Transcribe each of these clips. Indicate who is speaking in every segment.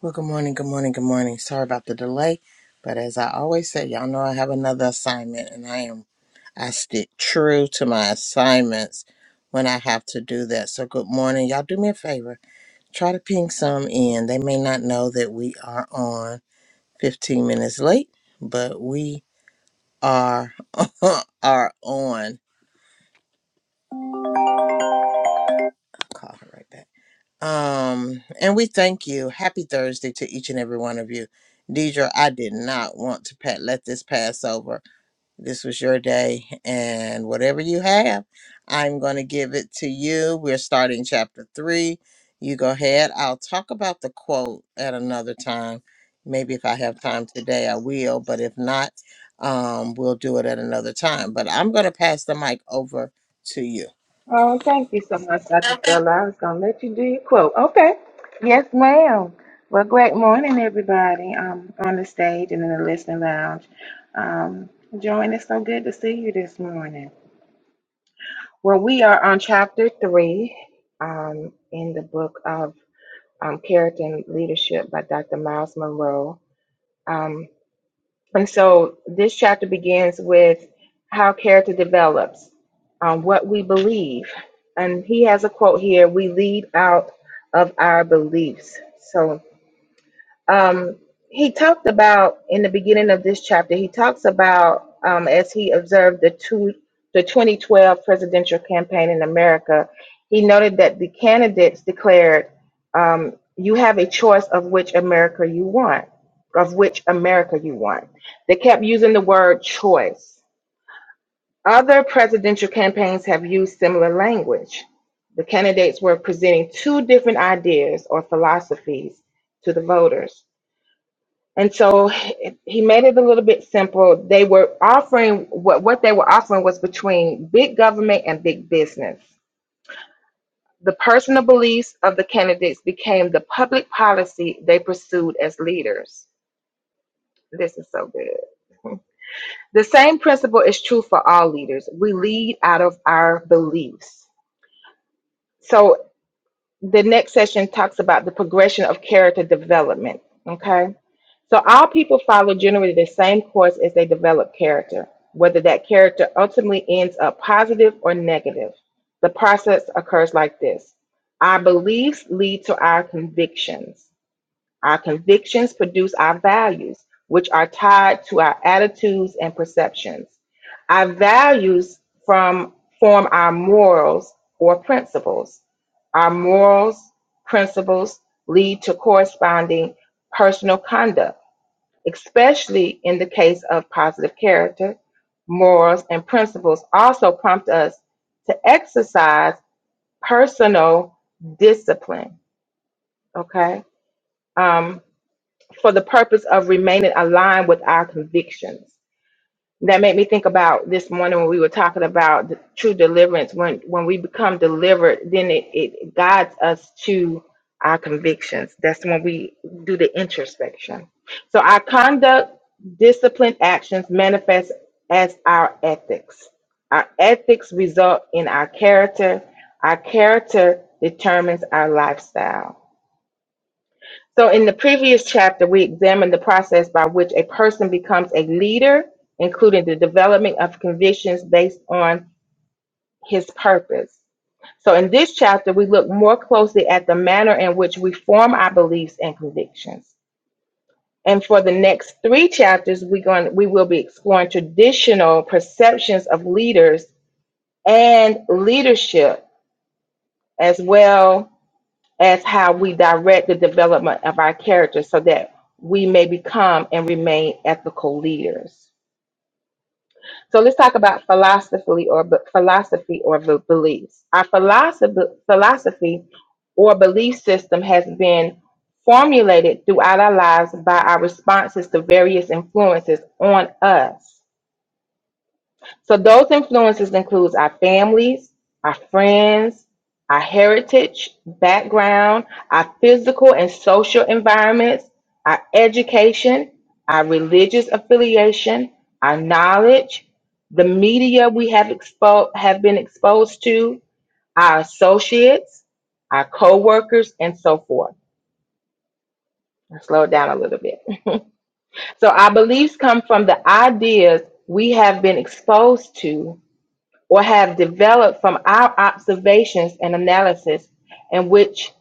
Speaker 1: Well, good morning, good morning, good morning. Sorry about the delay, but as I always say, y'all know I have another assignment, and I am I stick true to my assignments when I have to do that. So, good morning, y'all. Do me a favor, try to ping some in. They may not know that we are on 15 minutes late, but we are are on. Call her right back. Um, and we thank you. Happy Thursday to each and every one of you. Deidre, I did not want to pat, let this pass over. This was your day, and whatever you have, I'm going to give it to you. We're starting chapter three. You go ahead. I'll talk about the quote at another time. Maybe if I have time today, I will, but if not, um, we'll do it at another time. But I'm going to pass the mic over to you.
Speaker 2: Oh, thank you so much, Dr. Stella. I was going to let you do your quote. Okay. Yes, ma'am. Well, great morning, everybody um, on the stage and in the listening lounge. Um, Joanne, it's so good to see you this morning. Well, we are on chapter three um, in the book of um, Character and Leadership by Dr. Miles Monroe. Um, and so this chapter begins with how character develops, um, what we believe. And he has a quote here we lead out of our beliefs. So um, he talked about in the beginning of this chapter he talks about um, as he observed the two the 2012 presidential campaign in america he noted that the candidates declared um, you have a choice of which america you want of which america you want they kept using the word choice other presidential campaigns have used similar language the candidates were presenting two different ideas or philosophies to the voters and so he he made it a little bit simple. They were offering what, what they were offering was between big government and big business. The personal beliefs of the candidates became the public policy they pursued as leaders. This is so good. The same principle is true for all leaders. We lead out of our beliefs. So the next session talks about the progression of character development. Okay So all people follow generally the same course as they develop character, whether that character ultimately ends up positive or negative. The process occurs like this Our beliefs lead to our convictions. Our convictions produce our values, which are tied to our attitudes and perceptions. Our values from, form our morals or principles. Our morals, principles lead to corresponding personal conduct especially in the case of positive character, morals, and principles, also prompt us to exercise personal discipline, okay, um, for the purpose of remaining aligned with our convictions that made me think about this morning when we were talking about the true deliverance when when we become delivered then it, it guides us to our convictions that's when we do the introspection so our conduct disciplined actions manifest as our ethics our ethics result in our character our character determines our lifestyle so, in the previous chapter, we examined the process by which a person becomes a leader, including the development of convictions based on his purpose. So, in this chapter, we look more closely at the manner in which we form our beliefs and convictions. And for the next three chapters, we're going, we will be exploring traditional perceptions of leaders and leadership, as well as how we direct the development of our character so that we may become and remain ethical leaders. So let's talk about philosophy or b- philosophy or b- beliefs. Our philosophy, philosophy or belief system has been formulated throughout our lives by our responses to various influences on us. So those influences includes our families, our friends, our heritage, background, our physical and social environments, our education, our religious affiliation, our knowledge, the media we have expo- have been exposed to, our associates, our coworkers, and so forth. I'll slow it down a little bit. So our beliefs come from the ideas we have been exposed to or have developed from our observations and analysis in which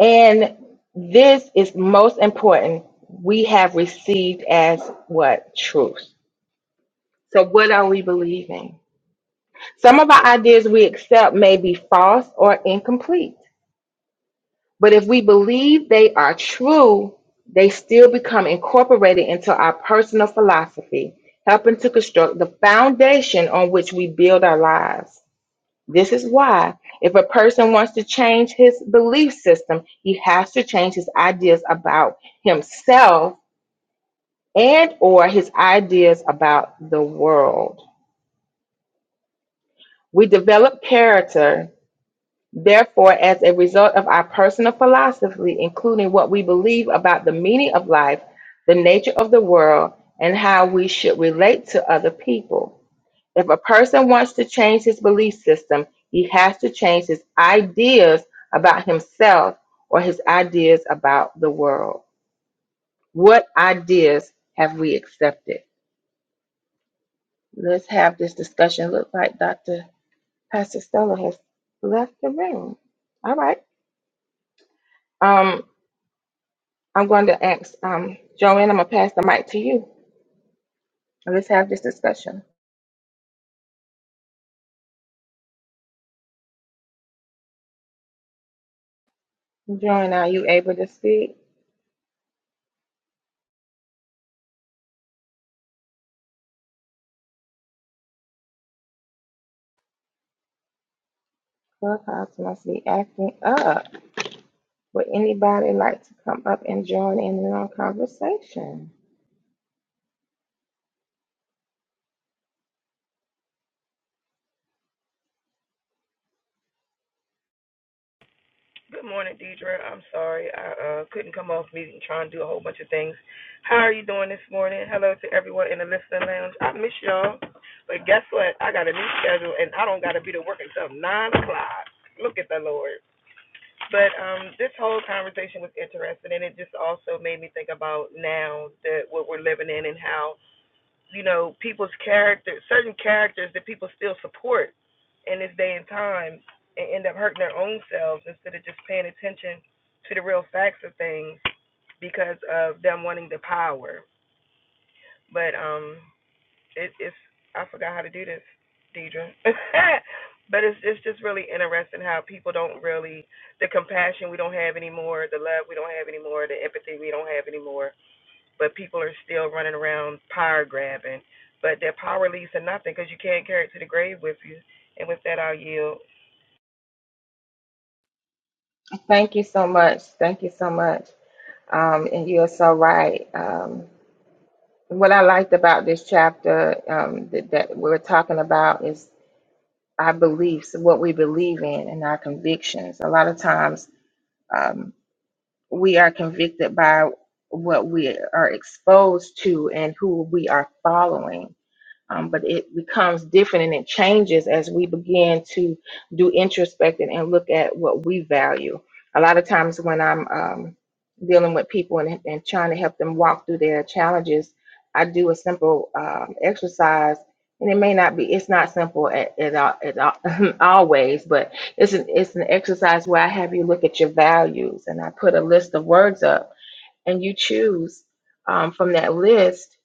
Speaker 2: and this is most important we have received as what truth so what are we believing some of our ideas we accept may be false or incomplete but if we believe they are true they still become incorporated into our personal philosophy helping to construct the foundation on which we build our lives This is why, if a person wants to change his belief system, he has to change his ideas about himself and or his ideas about the world. We develop character, therefore, as a result of our personal philosophy, including what we believe about the meaning of life, the nature of the world, and how we should relate to other people. If a person wants to change his belief system, he has to change his ideas about himself or his ideas about the world. What ideas have we accepted? Let's have this discussion. Look like Dr. Pastor Stella has left the room. All right. Um, I'm going to ask um, Joanne, I'm going to pass the mic to you. Let's have this discussion. Joanne, are you able to speak? Clubhouse must be acting up. Would anybody like to come up and join in on our conversation?
Speaker 3: Good morning, Deidre. I'm sorry. I uh, couldn't come off meeting. trying to do a whole bunch of things. How are you doing this morning? Hello to everyone in the listening lounge. I miss y'all. But guess what? I got a new schedule and I don't got to be to work until 9 o'clock. Look at the Lord. But um, this whole conversation was interesting and it just also made me think about now that what we're living in and how you know, people's character, certain characters that people still support in this day and time and end up hurting their own selves instead of just paying attention to the real facts of things because of them wanting the power. But um, it, it's I forgot how to do this, Deidre. but it's it's just really interesting how people don't really the compassion we don't have anymore, the love we don't have anymore, the empathy we don't have anymore but people are still running around power grabbing. But that power leads to nothing because you can't carry it to the grave with you. And with that, I'll yield.
Speaker 2: Thank you so much. Thank you so much. Um, and you are so right. Um, what I liked about this chapter um, that, that we're talking about is our beliefs, what we believe in, and our convictions. A lot of times um, we are convicted by what we are exposed to and who we are following um, but it becomes different and it changes as we begin to do introspecting and look at what we value. A lot of times when I'm um, dealing with people and, and trying to help them walk through their challenges, I do a simple um, exercise, and it may not be it's not simple at, at, all, at all, always, but it's an it's an exercise where I have you look at your values, and I put a list of words up and you choose um, from that list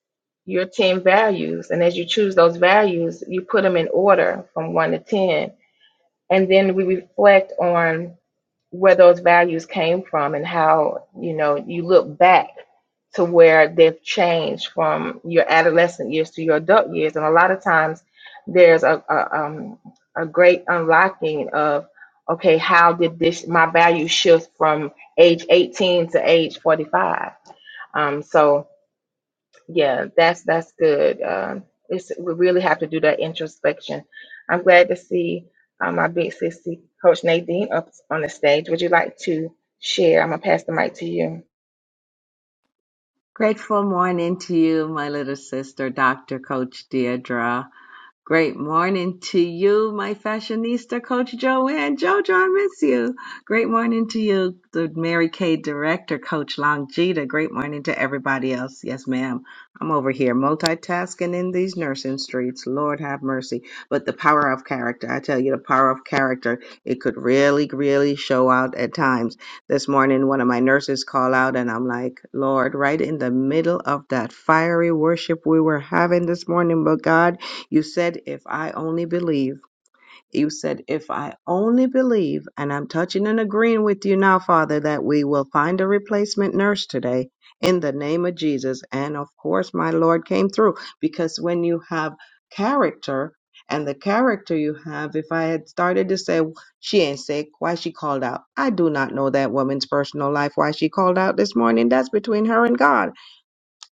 Speaker 2: your 10 values. And as you choose those values, you put them in order from 1 to 10. And then we reflect on where those values came from and how you know you look back to where they've changed from your adolescent years to your adult years and a lot of times there's a, a um a great unlocking of okay how did this my value shift from age 18 to age 45 um so yeah, that's that's good. Um, it's we really have to do that introspection. I'm glad to see uh, my big sissy, Coach Nadine, up on the stage. Would you like to share? I'm gonna pass the mic to you.
Speaker 4: Grateful morning to you, my little sister, Dr. Coach Deirdre. Great morning to you, my fashionista, Coach Joanne. Jojo, I miss you. Great morning to you, the Mary Kay director, Coach Longita. Great morning to everybody else. Yes, ma'am. I'm over here multitasking in these nursing streets. Lord have mercy. But the power of character, I tell you, the power of character, it could really, really show out at times. This morning, one of my nurses called out, and I'm like, Lord, right in the middle of that fiery worship we were having this morning, but God. You said, if I only believe, you said, if I only believe, and I'm touching and agreeing with you now, Father, that we will find a replacement nurse today in the name of Jesus. And of course, my Lord came through because when you have character and the character you have, if I had started to say, "Well, she ain't sick, why she called out? I do not know that woman's personal life, why she called out this morning. That's between her and God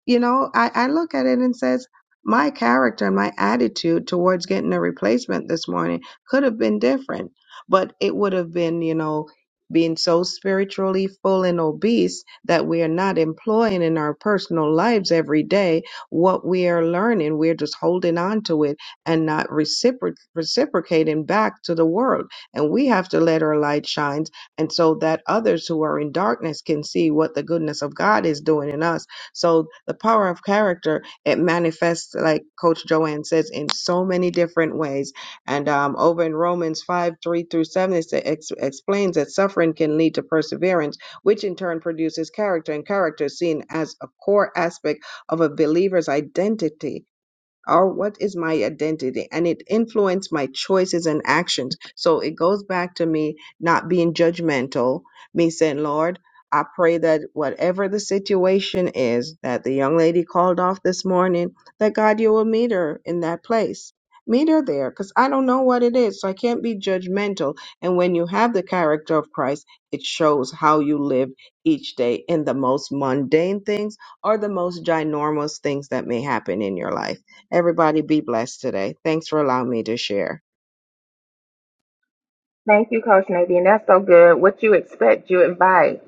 Speaker 4: you know I, I look at it and says my character and my attitude towards getting a replacement this morning could have been different but it would have been you know being so spiritually full and obese that we are not employing in our personal lives every day what we are learning we're just holding on to it and not recipro- reciprocating back to the world and we have to let our light shine and so that others who are in darkness can see what the goodness of god is doing in us so the power of character it manifests, like Coach Joanne says, in so many different ways. And um, over in Romans five three through seven, it sa- ex- explains that suffering can lead to perseverance, which in turn produces character, and character is seen as a core aspect of a believer's identity or what is my identity and it influenced my choices and actions so it goes back to me not being judgmental me saying lord i pray that whatever the situation is that the young lady called off this morning that god you will meet her in that place meet her there because i don't know what it is so i can't be judgmental and when you have the character of christ it shows how you live each day in the most mundane things or the most ginormous things that may happen in your life Everybody be blessed today. Thanks for allowing me to share.
Speaker 2: Thank you, Coach Nadine. That's so good. What you expect, you invite.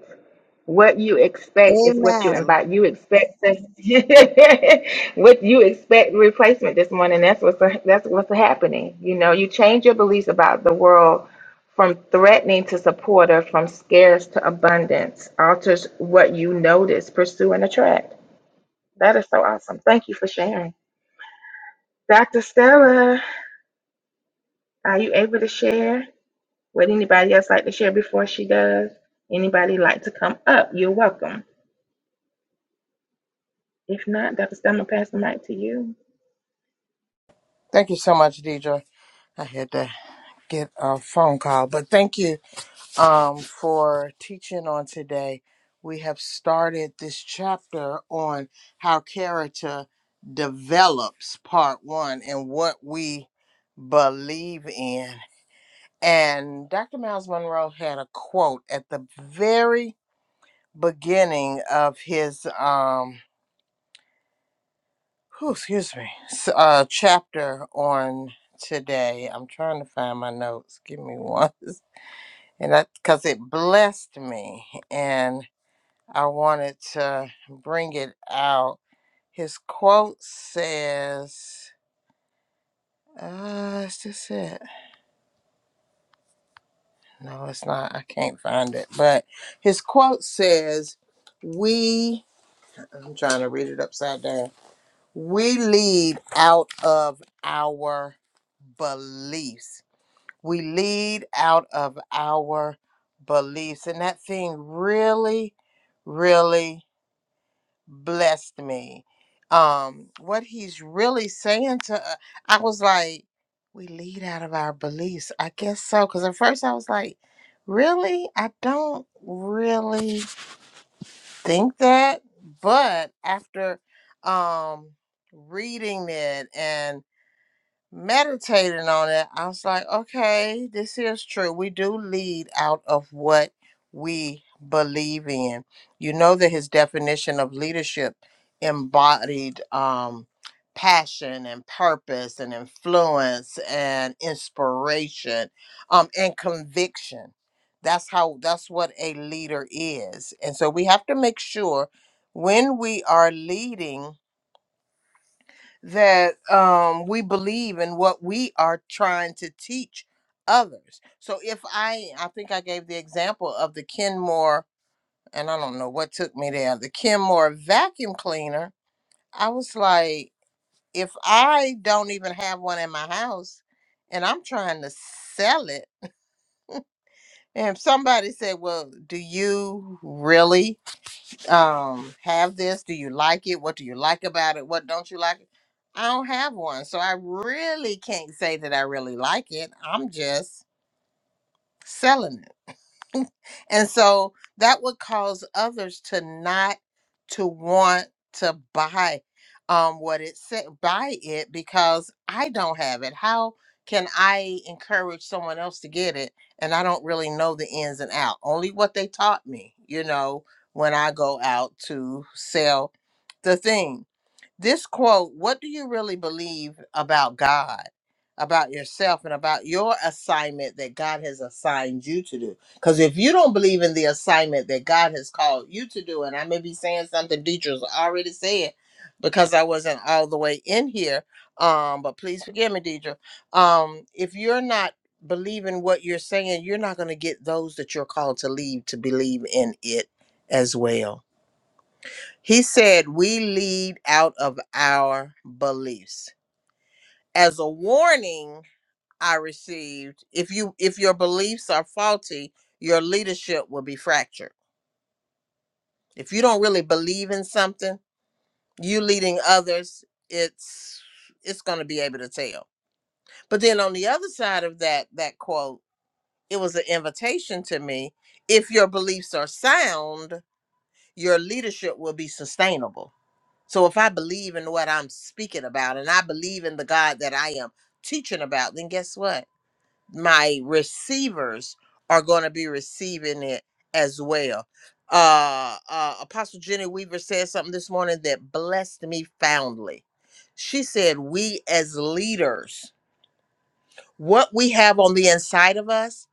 Speaker 2: What you expect is what you
Speaker 4: Amen.
Speaker 2: invite. You expect to, what you expect replacement this morning. That's what's that's what's happening. You know, you change your beliefs about the world from threatening to supportive, from scarce to abundance. Alters what you notice, pursue, and attract. That is so awesome. Thank you for sharing, Dr. Stella. Are you able to share? Would anybody else like to share before she does? Anybody like to come up? You're welcome. If not, Dr. Stella, pass the mic to you.
Speaker 1: Thank you so much, Deidre. I had to. get a phone call. But thank you um, for teaching on today. We have started this chapter on how character develops, part one, and what we believe in. And Dr. Miles Monroe had a quote at the very beginning of his, um, whew, excuse me, s- uh, chapter on today. I'm trying to find my notes. Give me one and that because it blessed me and i wanted to bring it out his quote says uh is this it no it's not i can't find it but his quote says we i'm trying to read it upside down we lead out of our beliefs we lead out of our beliefs and that thing really really blessed me. Um, what he's really saying to, uh, I was like, we lead out of our beliefs. I guess so. Because at first I was like, really? I don't really think that. But after um, reading it and meditating on it, I was like, okay, this is true. We do lead out of what we believe in. You know that his definition of leadership embodied um, passion and purpose and influence and inspiration um, and conviction. That's how, that's what a leader is. And so we have to make sure when we are leading that um, we believe in what we are trying to teach others. So if I, I think I gave the example of the Kenmore, and I don't know what took me there, the Kenmore vacuum cleaner. I was like, if I don't even have one in my house and I'm trying to sell it, and if somebody said, well, do you really? um have this do you like it what do you like about it what don't you like i don't have one so i really can't say that i really like it i'm just selling it And so that would cause others to not to want to buy um what it said buy it because I don't have it. How can I encourage someone else to get it and I don't really know the ins and out. Only what they taught me, you know, when I go out to sell the thing. This quote, what do you really believe about God, about yourself, and about your assignment that God has assigned you to do? Because if you don't believe in the assignment that God has called you to do, and I may be saying something Deidre's already said because I wasn't all the way in here, um, but please forgive me, Deidre. Um, if you're not believing what you're saying, you're not going to get those that you're called to lead to believe in it as well. He said, We lead out of our beliefs. As a warning, I received if you if your beliefs are faulty, your leadership will be fractured. If you don't really believe in something, you leading others, it's it's going to be able to tell. But then on the other side of that that quote, it was an invitation to me, if your beliefs are sound, your leadership will be sustainable So if I believe in what I'm speaking about and I believe in the God that I am teaching about, then guess what? My receivers are going to be receiving it as well. Uh, uh Apostle Jenny Weaver said something this morning that blessed me foundly. She said, "We as leaders." what we have on the inside of us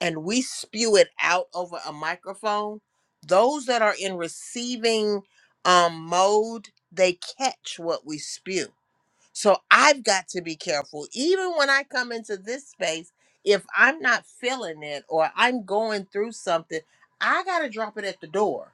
Speaker 1: and we spew it out over a microphone, those that are in receiving um, mode, they catch what we spew. So I've got to be careful. Even when I come into this space, if I'm not feeling it or I'm going through something, I got to drop it at the door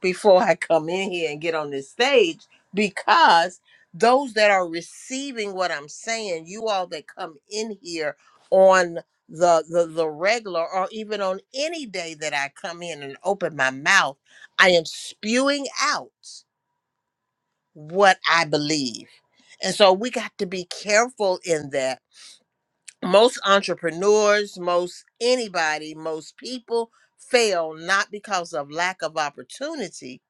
Speaker 1: before I come in here and get on this stage because those that are receiving what I'm saying, you all that come in here on the, the the regular or even on any day that I come in and open my mouth, I am spewing out what I believe. And so we got to be careful in that. Most entrepreneurs, most anybody, most people fail not because of lack of opportunity,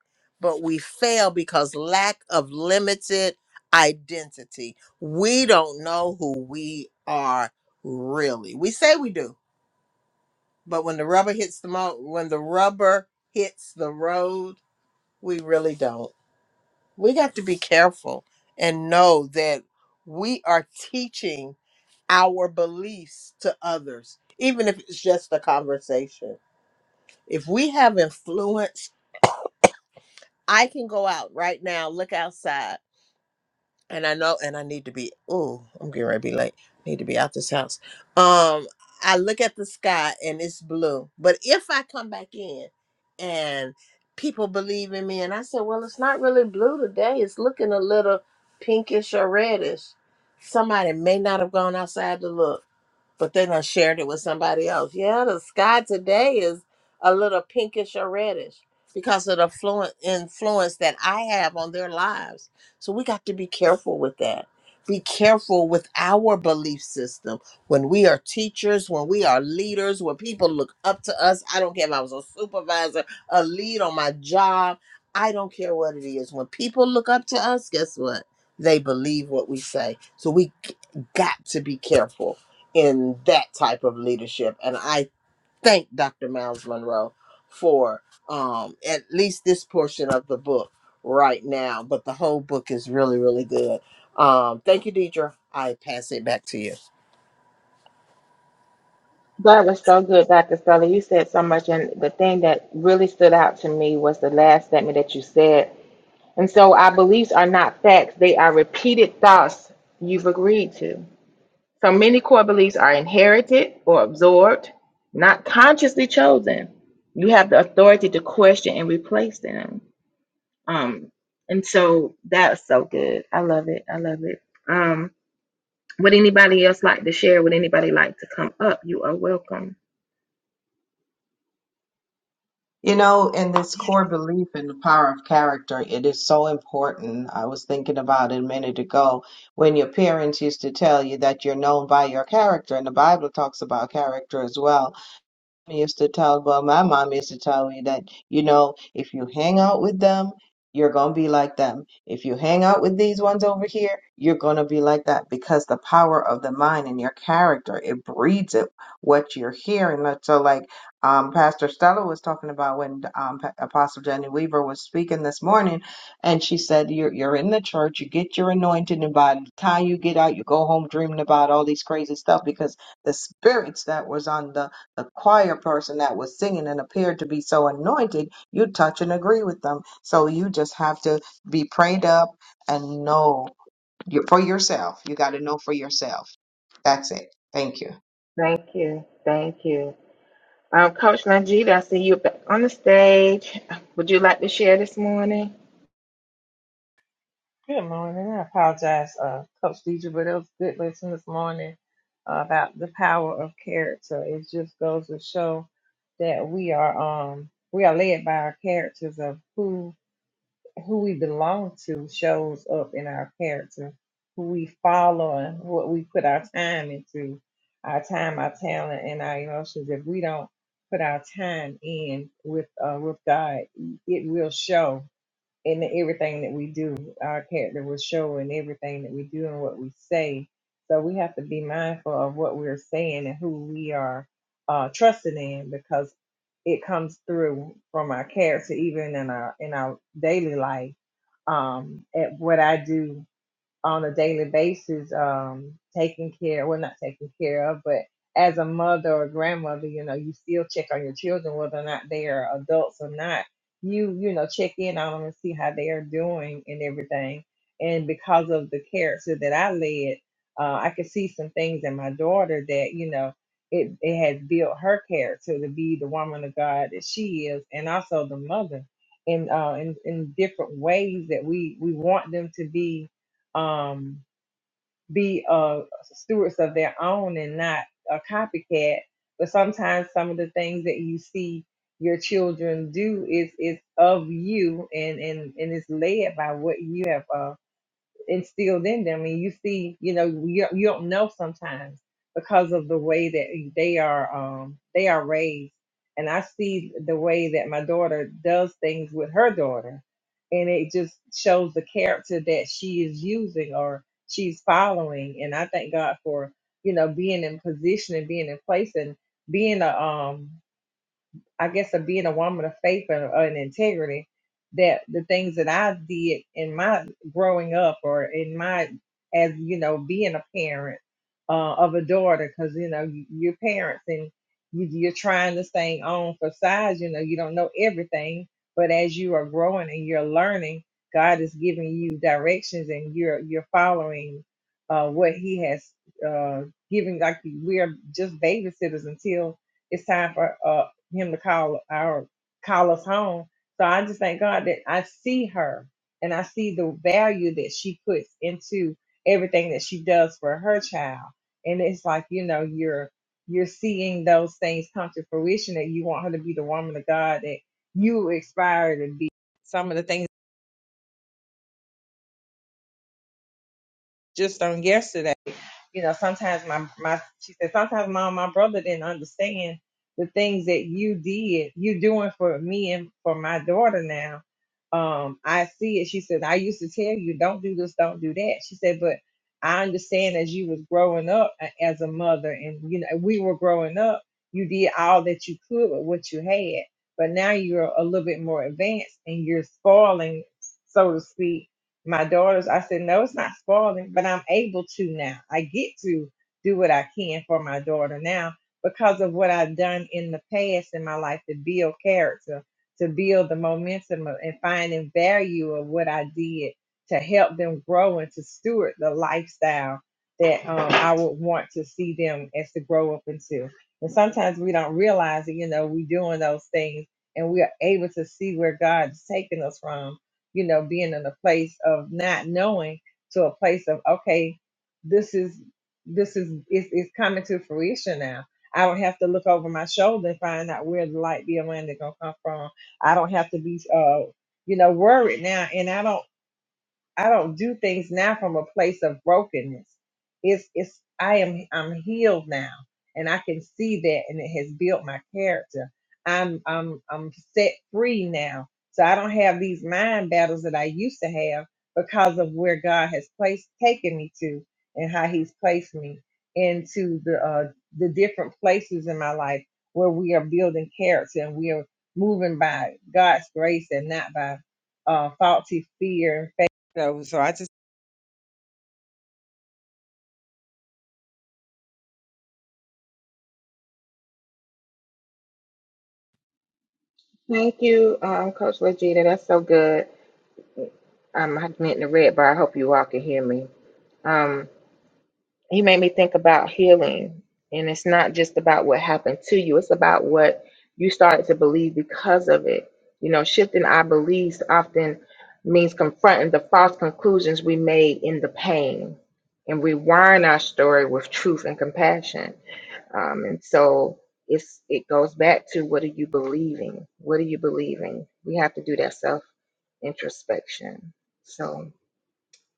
Speaker 1: but we fail because lack of limited identity. We don't know who we are really. We say we do, but when the rubber hits the mo- when the rubber hits the road, we really don't we got to be careful and know that we are teaching our beliefs to others, even if it's just a conversation. If we have influence, I can go out right now, look outside. and I know, and I need to be. Ooh, I'm getting ready to be late. Need to be out this house. Um, I look at the sky and it's blue. But if I come back in, and people believe in me, and I say, well, it's not really blue today. It's looking a little pinkish or reddish. Somebody may not have gone outside to look but then I shared it with somebody else. Yeah, the sky today is a little pinkish or reddish because of the fluent influence that I have on their lives. So we got to be careful with that. Be careful with our belief system. When we are teachers, when we are leaders, when people look up to us, I don't care if I was a supervisor, a lead on my job, I don't care what it is. When people look up to us, guess what? They believe what we say. So we got to be careful in that type of leadership. And I thank Dr. Miles Monroe for um, at least this portion of the book right now. But the whole book is really, really good. Um, thank you, Deidre. I pass it back to you.
Speaker 2: That was so good, Dr. Stella. You said so much, and the thing that really stood out to me was the last statement that you said. And so, our beliefs are not facts, they are repeated thoughts you've agreed to. So, many core beliefs are inherited or absorbed, not consciously chosen. You have the authority to question and replace them. Um, and so, that's so good. I love it. I love it. Um, would anybody else like to share? Would anybody like to come up? You are welcome.
Speaker 4: You know, in this core belief in the power of character, it is so important. I was thinking about it a minute ago when your parents used to tell you that you're known by your character, and the Bible talks about character as well. mommy used to talk about my mom used to tell me that you know if you hang out with them you're gonna be like them if you hang out with these ones over here you're gonna be like that because the power of the mind and your character it breeds it what you're hearing Like- so like um pastor stella was talking about when um Pa- apostle jenny weaver was speaking this morning and she said you're, you're in the church you get your anointing and by the time you get out you go home dreaming about all these crazy stuff because the spirits that was on the the choir person that was singing and appeared to be so anointed, you touch and agree with them. So you just have to be prayed up and know your- for yourself. You got to know for yourself. That's it. Thank you.
Speaker 2: Thank you. Thank you. Um, Coach Najib, I see you back on the stage. Would you like to share this morning?
Speaker 5: Good morning. I apologize, uh, Coach Deidre, but it was a good lesson this morning uh, about the power of character. It just goes to show that we are um we are led by our characters of who who we belong to shows up in our character, who we follow and what we put our time into, our time, our talent, and our emotions. If we don't put our time in with uh, with God, it will show in everything that we do. Our character will show in everything that we do and what we say. So we have to be mindful of what we're saying and who we are uh, trusting in because it comes through from our character, even in our in our daily life. Um, at what I do on a daily basis, um, taking care, well, not taking care of, but as a mother or grandmother, you know, you still check on your children, whether or not they are adults or not. You, you know, check in on them and see how they are doing and everything. And because of the character that I led, uh, I could see some things in my daughter that, you know, it, it has built her character to be the woman of God that she is and also the mother in, uh, in, in different ways that we, we want them to be um, be uh, stewards of their own and not a copycat. But sometimes some of the things that you see your children do is is of you and and and is led by what you have. uh, instilled in them. And you see, you know, you, you don't know sometimes because of the way that they are um, they are raised. And I see the way that my daughter does things with her daughter, and it just shows the character that she is using or she's following. And I thank God for you know being in position and being in place and being a um I guess of being a woman of faith and, uh, and integrity that the things that I did in my growing up or in my as you know being a parent uh, of a daughter because you know you- you're parents and you, you're trying this thing on for size you know you don't know everything but as you are growing and you're learning God is giving you directions and you're you're following uh, what He has uh, given like we are just babysitters until it's time for uh, him to call our call us home. So I just thank God that I see her and I see the value that she puts into everything that she does for her child. And it's like, you know, you're you're seeing those things come to fruition that you want her to be the woman of God that you aspire to be. Some of the things just on yesterday. you know, sometimes my my she said, sometimes mom, my brother didn't understand the things that you did, you doing for me and for my daughter now. Um, I see it. She said, I used to tell you, don't do this, don't do that. She said, but I understand as you was growing up a- as a mother and you know, we were growing up, you did all that you could with what you had. But now you're a little bit more advanced and you're spoiling, so to speak, my daughters, I said, no, it's not spoiling, but I'm able to now. I get to do what I can for my daughter now because of what I've done in the past in my life to build character, to build the momentum of, and finding value of what I did to help them grow and to steward the lifestyle that um, I would want to see them as to grow up into. And sometimes we don't realize that, you know, we're doing those things and we are able to see where God's taking us from you know, being in a place of not knowing to a place of, okay, this is, this is, it's, it's coming to fruition now. I don't have to look over my shoulder and find out where the light be around it gonna come from. I don't have to be, uh, you know, worried now. And I don't I don't do things now from a place of brokenness. It's it's I am I'm healed now and I can see that and it has built my character. I'm I'm I'm set free now. So I don't have these mind battles that I used to have because of where God has placed taken me to and how he's placed me into the uh the different places in my life where we are building character and we are moving by God's grace and not by uh faulty fear so, so I just,
Speaker 2: Thank you, um, Coach Legita. That's so good. Um, I meant the red bar. I hope you all can hear me. Um, He made me think about healing. And it's not just about what happened to you, it's about what you started to believe because of it. You know, shifting our beliefs often means confronting the false conclusions we made in the pain and rewiring our story with truth and compassion. Um, and so it's it goes back to what are you believing? What are you believing? We have to do that self introspection. So,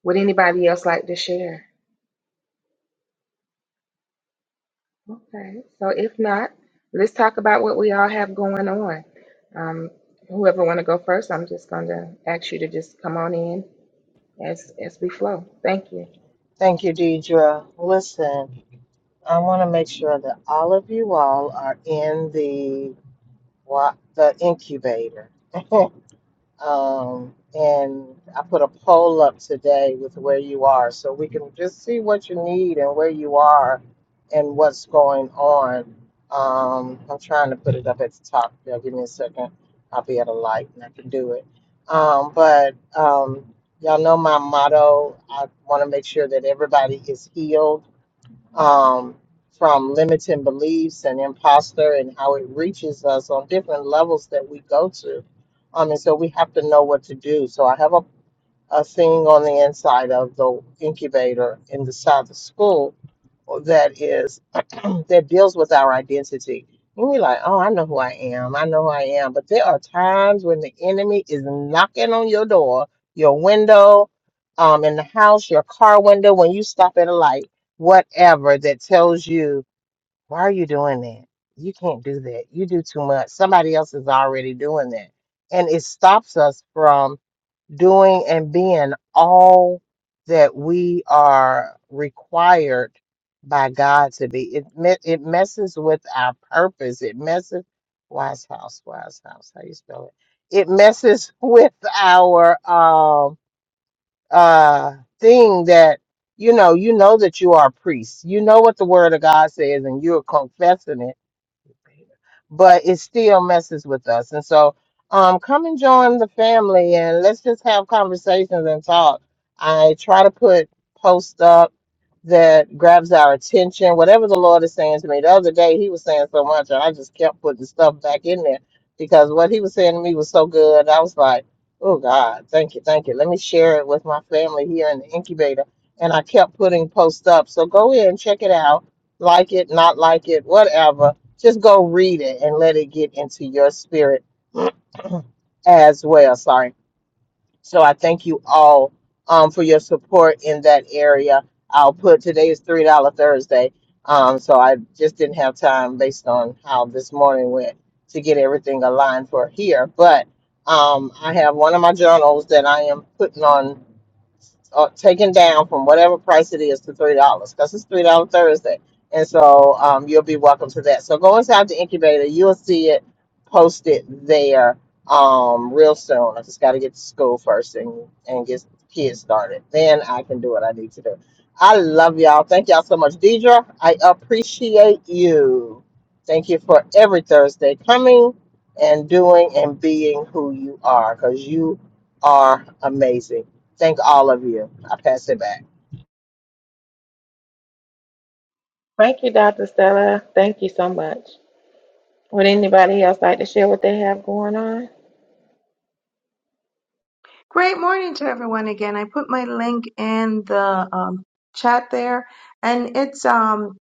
Speaker 2: would anybody else like to share? Okay, so if not, let's talk about what we all have going on. Um, whoever want to go first, I'm just going to ask you to just come on in as as we flow. Thank you.
Speaker 1: Thank you, Deidre. Listen, I want to make sure that all of you all are in the wa- the incubator. Um, and I put a poll up today with where you are so we can just see what you need and where you are and what's going on. Um, I'm trying to put it up at the top. Yeah, give me a second. I'll be at a light and I can do it. Um, but um, y'all know my motto. I want to make sure that everybody is healed um, from limiting beliefs and imposter and how it reaches us on different levels that we go to. Um, and so we have to know what to do. So I have a, a thing on the inside of the incubator in the side of the school that is that deals with our identity. And we're like, oh, I know who I am. I know who I am. But there are times when the enemy is knocking on your door, your window, um, in the house, your car window, when you stop at a light, whatever that tells you, why are you doing that? You can't do that. You do too much. Somebody else is already doing that. And it stops us from doing and being all that we are required by God to be. It me- it messes with our purpose. It messes wise house, wise house. How you spell it? It messes with our um uh thing that you know. You know that you are a priest. You know what the Word of God says, and you're confessing it but it still messes with us. And so, um, come and join the family and let's just have conversations and talk. I try to put posts up that grabs our attention, whatever the Lord is saying to me. The other day, He was saying so much, and I just kept putting stuff back in there because what He was saying to me was so good. I was like, oh God, thank you, thank you. Let me share it with my family here in the incubator. And I kept putting posts up. So go in, check it out, like it, not like it, whatever just go read it and let it get into your spirit as well. Sorry. So I thank you all um, for your support in that area. I'll put today's three dollar Thursday. Um, so I just didn't have time based on how this morning went to get everything aligned for here. But um, I have one of my journals that I am putting on uh, taken down from whatever price it is to three dollars because it's three dollar Thursday, and so um, you'll be welcome to that. So go inside the incubator; you'll see it posted there um, real soon. I just got to get to school first and and get the kids started. Then I can do what I need to do. I love y'all. Thank y'all so much, Deidre. I appreciate you. Thank you for every Thursday coming and doing and being who you are because you are amazing. Thank all of you. I pass it back.
Speaker 2: Thank you. Thank you much. Would Anybody else?
Speaker 4: Great morning to everyone again. I put my link in the um, chat there, and it's um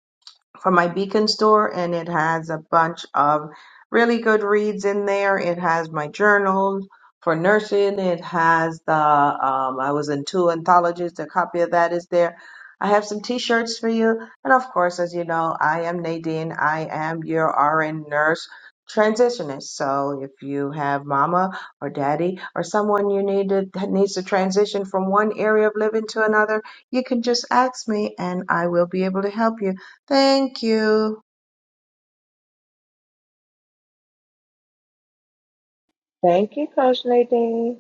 Speaker 4: from my Beacon store, and it has a bunch of really good reads in there. It has my journals for nursing. It has the um, I was in two anthologies. A copy of that is there. I have some T-shirts for you, and of course, as you know, I am Nadine. I am your RN nurse transitionist. So if you have mama or daddy or someone you need to, that needs to transition from one area of living to another, you can just ask me, and I will be able to help you Thank you.
Speaker 2: Thank you, Coach Nadine.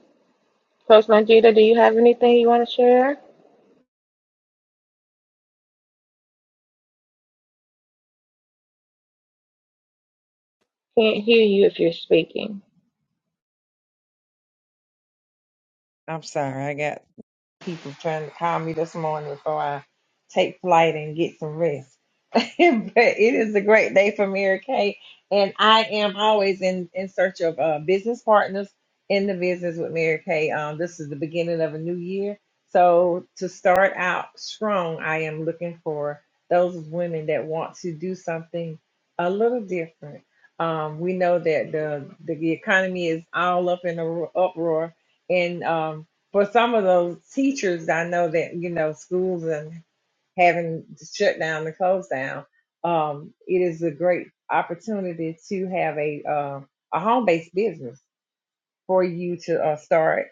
Speaker 2: Coach Longita, do you have anything you want to share? Can't hear you if you're speaking.
Speaker 5: I'm sorry, I got people trying to call me this morning before I take flight and get some rest. but it is a great day for Mary Kay, and I am always in in search of uh, business partners in the business with Mary Kay. Um, this is the beginning of a new year, so to start out strong, I am looking for those women that want to do something a little different. Um, we know that the the economy is all up in a ro- uproar, and um, for some of those teachers, I know that you know schools and having to shut down and close down. Um, it is a great opportunity to have a uh, a home based business for you to uh, start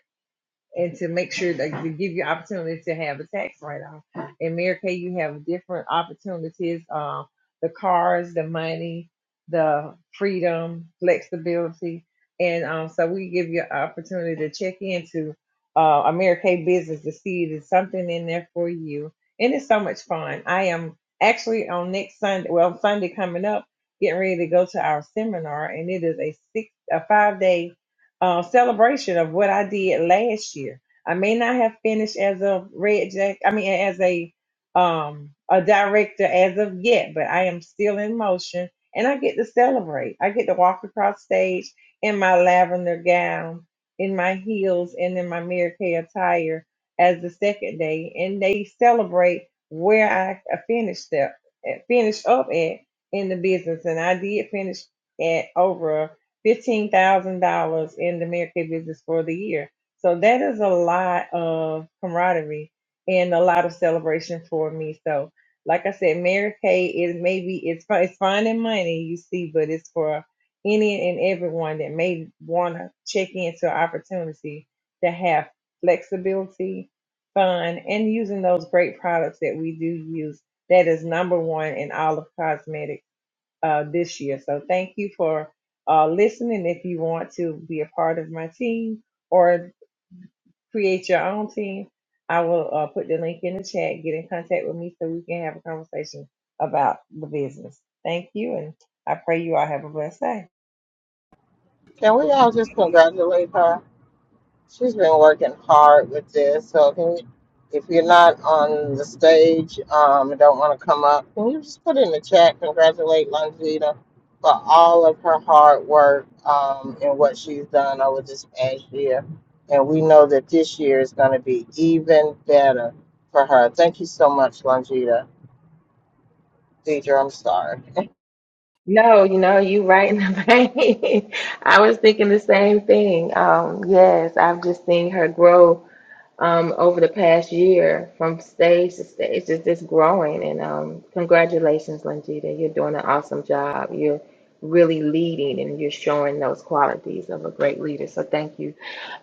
Speaker 5: and to make sure that to give you opportunity to have a tax write off. In Mary Kay, you have different opportunities: uh, the cars, the money, the freedom, flexibility, and um, so we give you an opportunity to check into uh, a Mary Kay business to see if there's something in there for you. And it's so much fun. I am actually on next Sunday. Well, Sunday coming up, getting ready to go to our seminar, and it is a six, a five day uh, celebration of what I did last year. I may not have finished as a red jack. I mean, as a um a director as of yet, but I am still in motion, and I get to celebrate. I get to walk across stage in my lavender gown, in my heels, and in my Mary Kay attire as the second day, and they celebrate where I uh, finished up, finished up at in the business, and I did finish at over fifteen thousand dollars in the Mary business for the year. So that is a lot of camaraderie and a lot of celebration for me. So, like I said, Mary is maybe it's fi- it's finding money you see, but it's for any and everyone that may want to check into an opportunity to have flexibility, fun, and using those great products that we do use. That is number one in all of cosmetics uh, this year. So thank you for uh, listening. If you want to be a part of my team or create your own team, I will uh, put the link in the chat. Get in contact with me so we can have a conversation about the business. Thank you, and I pray you all have a blessed day.
Speaker 1: Can we all just congratulate her? She's been working hard with this. So can you, if you're not on the stage um, and don't want to come up, can you just put in the chat, congratulate Longita for all of her hard work um, and what she's done over this past year. And we know that this year is going to be even better for her. Thank you so much, Longita. Deidre, I'm sorry.
Speaker 2: No, you know, you right in the vein. I was thinking the same thing. Um, yes, I've just seen her grow um, over the past year from stage to stage, just just growing. And um, congratulations, Langita. You're doing an awesome job. You're really leading and you're showing those qualities of a great leader. So thank you.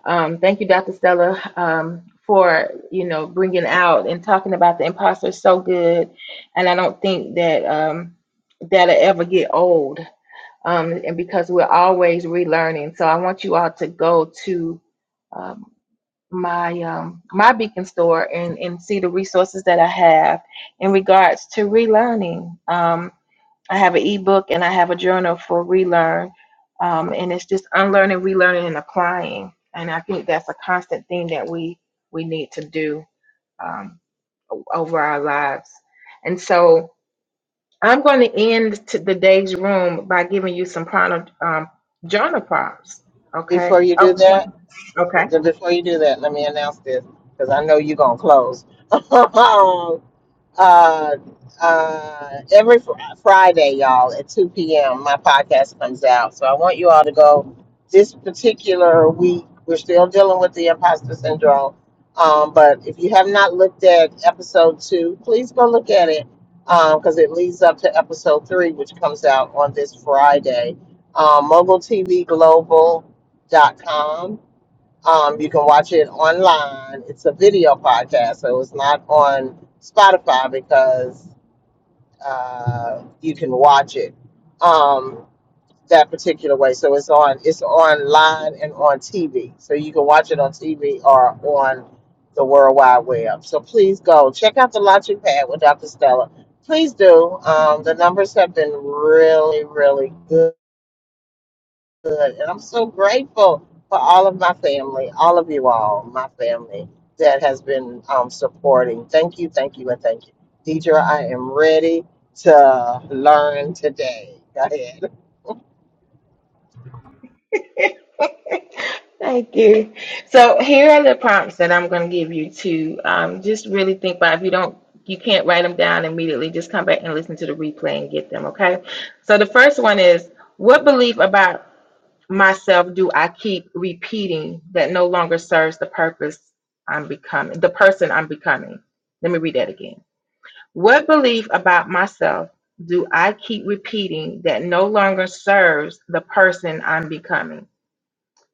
Speaker 2: Um, thank you, Dr. Stella, um, for you know bringing out and talking about the imposter so good, and I don't think that um, that'll ever get old. Um, and because we're always relearning, so I want you all to go to um, my um, my Beacon store and and see the resources that I have in regards to relearning. Um, I have an ebook and I have a journal for relearn. Um, and it's just unlearning, relearning, and applying. And I think that's a constant thing that we we need to do um, over our lives. And so I'm going to end to the day's room by giving you some prana, um, journal prompts. Okay.
Speaker 1: Before you
Speaker 2: Oh,
Speaker 1: do that,
Speaker 2: okay.
Speaker 1: before, before you do that, let me announce this because I know you're gonna close. uh, uh, every fr- Friday, y'all, at 2 p.m., my podcast comes out. So I want you all to go. This particular week, we're still dealing with the imposter syndrome. Um, but if you have not looked at episode two, please go look at it because it leads up to episode three, which comes out on this Friday. Um, mogul T V global dot com. Um, you can watch it online. It's a video podcast, so it's not on Spotify because uh, you can watch it um, that particular way. So it's on it's online and on TV. So you can watch it on TV or on the World Wide Web. So please go check out the Launching Pad with Dr. Stella. Please do. Um, the numbers have been really, really good good. And I'm so grateful for all of my family, all of you all, my family that has been um, supporting. Thank you, thank you, and thank you. Deidre, I am ready to learn today. Go ahead.
Speaker 2: Thank you. So here are the prompts that I'm going to give you to um, just really think about. If you don't, you can't write them down immediately. Just come back and listen to the replay and get them. Okay. So the first one is, what belief about myself do I keep repeating that no longer serves the purpose I'm becoming, the person I'm becoming? Let me read that again. What belief about myself do I keep repeating that no longer serves the person I'm becoming?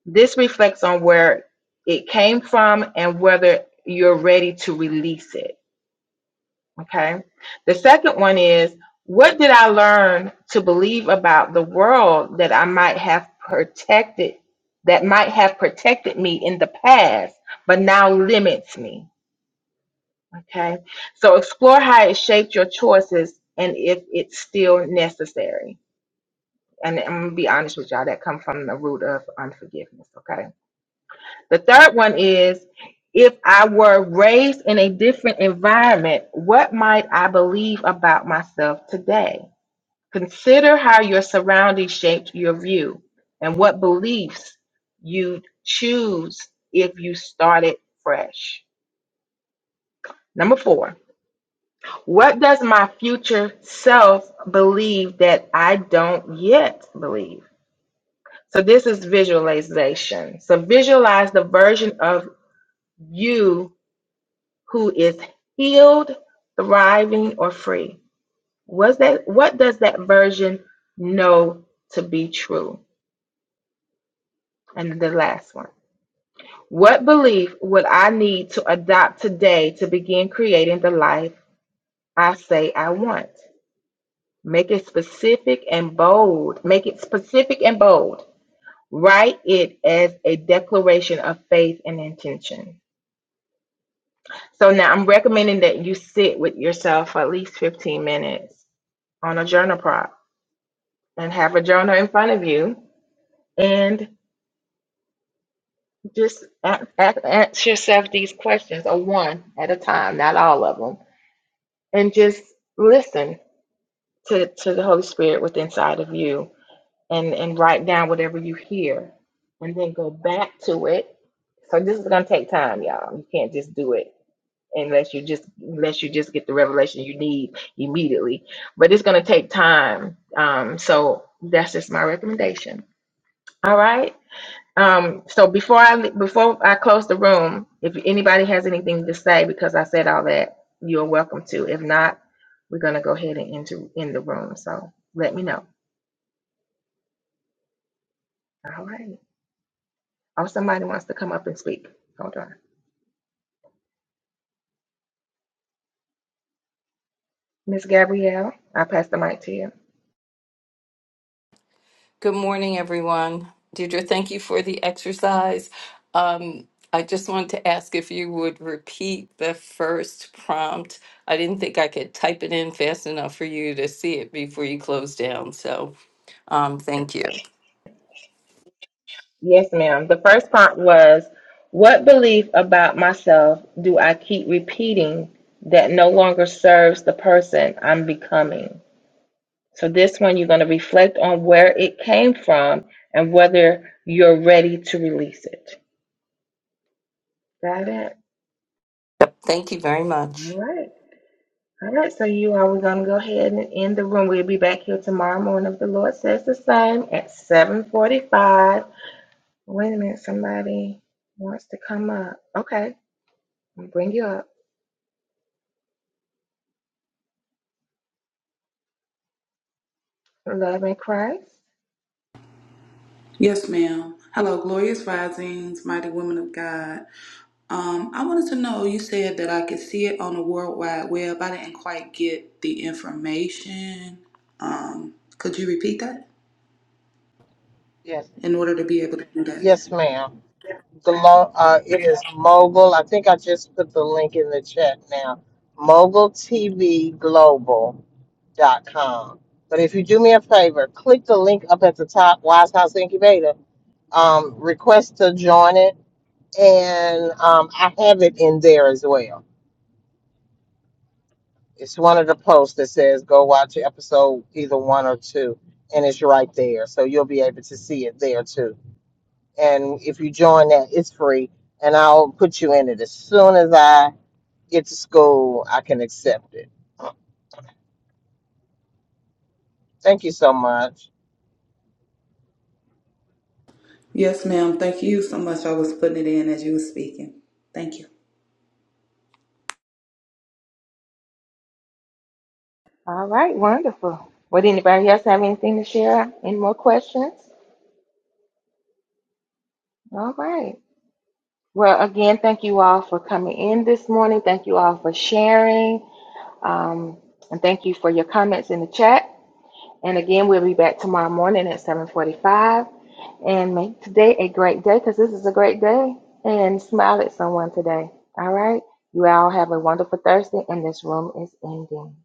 Speaker 2: This reflects on where it came from and whether you're ready to release it. Okay. The second one is what did I learn to believe about the world that I might have protected, that might have protected me in the past, but now limits me? Okay. So explore how it shaped your choices and if it's still necessary. And I'm gonna be honest with y'all, that comes from the root of unforgiveness. Okay The third one is if I were raised in a different environment, what might I believe about myself today? Consider how your surroundings shaped your view and what beliefs you'd choose if you started fresh. Number four, what does my future self believe that I don't yet believe? So, this is visualization. So, visualize the version of you who is healed, thriving, or free. Was that what does that version know to be true? And the last one. What belief would I need to adopt today to begin creating the life I say I want? Make it specific and bold. Make it specific and bold. Write it as a declaration of faith and intention. So now I'm recommending that you sit with yourself for at least 15 minutes on a journal prompt and have a journal in front of you and just a- a- ask yourself these questions or one at a time not all of them and just listen to, to the holy spirit within inside of you and and write down whatever you hear and then go back to it so this is going to take time y'all you can't just do it unless you just unless you just get the revelation you need immediately but it's going to take time um, so that's just my recommendation all right Um, so before I before I close the room, if anybody has anything to say, because I said all that, you're welcome to. If not, we're gonna go ahead and into in the room. So let me know. All right. Oh, somebody wants to come up and speak. Hold on, Miss Gabrielle. I pass the mic to you.
Speaker 6: Good morning, everyone. Deirdre, thank you for the exercise. Um, I just wanted to ask if you would repeat the first prompt. I didn't think I could type it in fast enough for you to see it before you close down. So um, thank you.
Speaker 2: Yes, ma'am. The first part was, what belief about myself do I keep repeating that no longer serves the person I'm becoming? So this one, you're going to reflect on where it came from and whether you're ready to release it. Got it?
Speaker 6: Yep, Thank you very much.
Speaker 2: All right. All right. So you are, we're going to go ahead and end the room. We'll be back here tomorrow morning if the Lord says the same at 745. Wait a minute. Somebody wants to come up. Okay. I'll bring you up. Love in Christ.
Speaker 7: Yes, ma'am. Hello, glorious risings, mighty women of God. Um, I wanted to know. You said that I could see it on the World Wide Web. I didn't quite get the information. Um, could you repeat that
Speaker 1: Yes,
Speaker 7: in order to be able to do that?
Speaker 1: yes, ma'am. Glo- uh, it is Mogul. I think I just put the link in the chat now. mogul t v global dot com. But if you do me a favor, click the link up at the top, Wise House Incubator. Um, request to join it and um, I have it in there as well. It's one of the posts that says go watch episode either one or two, and it's right there, so you'll be able to see it there too. And if you join that, it's free, and I'll put you in it as soon as I get to school. I can accept it. Thank you so much.
Speaker 7: Yes, ma'am. Thank you so much. I was putting it in as you were speaking. Thank you.
Speaker 2: All right. Wonderful. Would anybody else have anything to share? Any more questions? All right. Well, again, thank you all for coming in this morning. Thank you all for sharing. Um, and thank you for your comments in the chat. And again, we'll be back tomorrow morning at 745. And make today a great day because this is a great day. And smile at someone today. All right? You all have a wonderful Thursday, and this room is ending.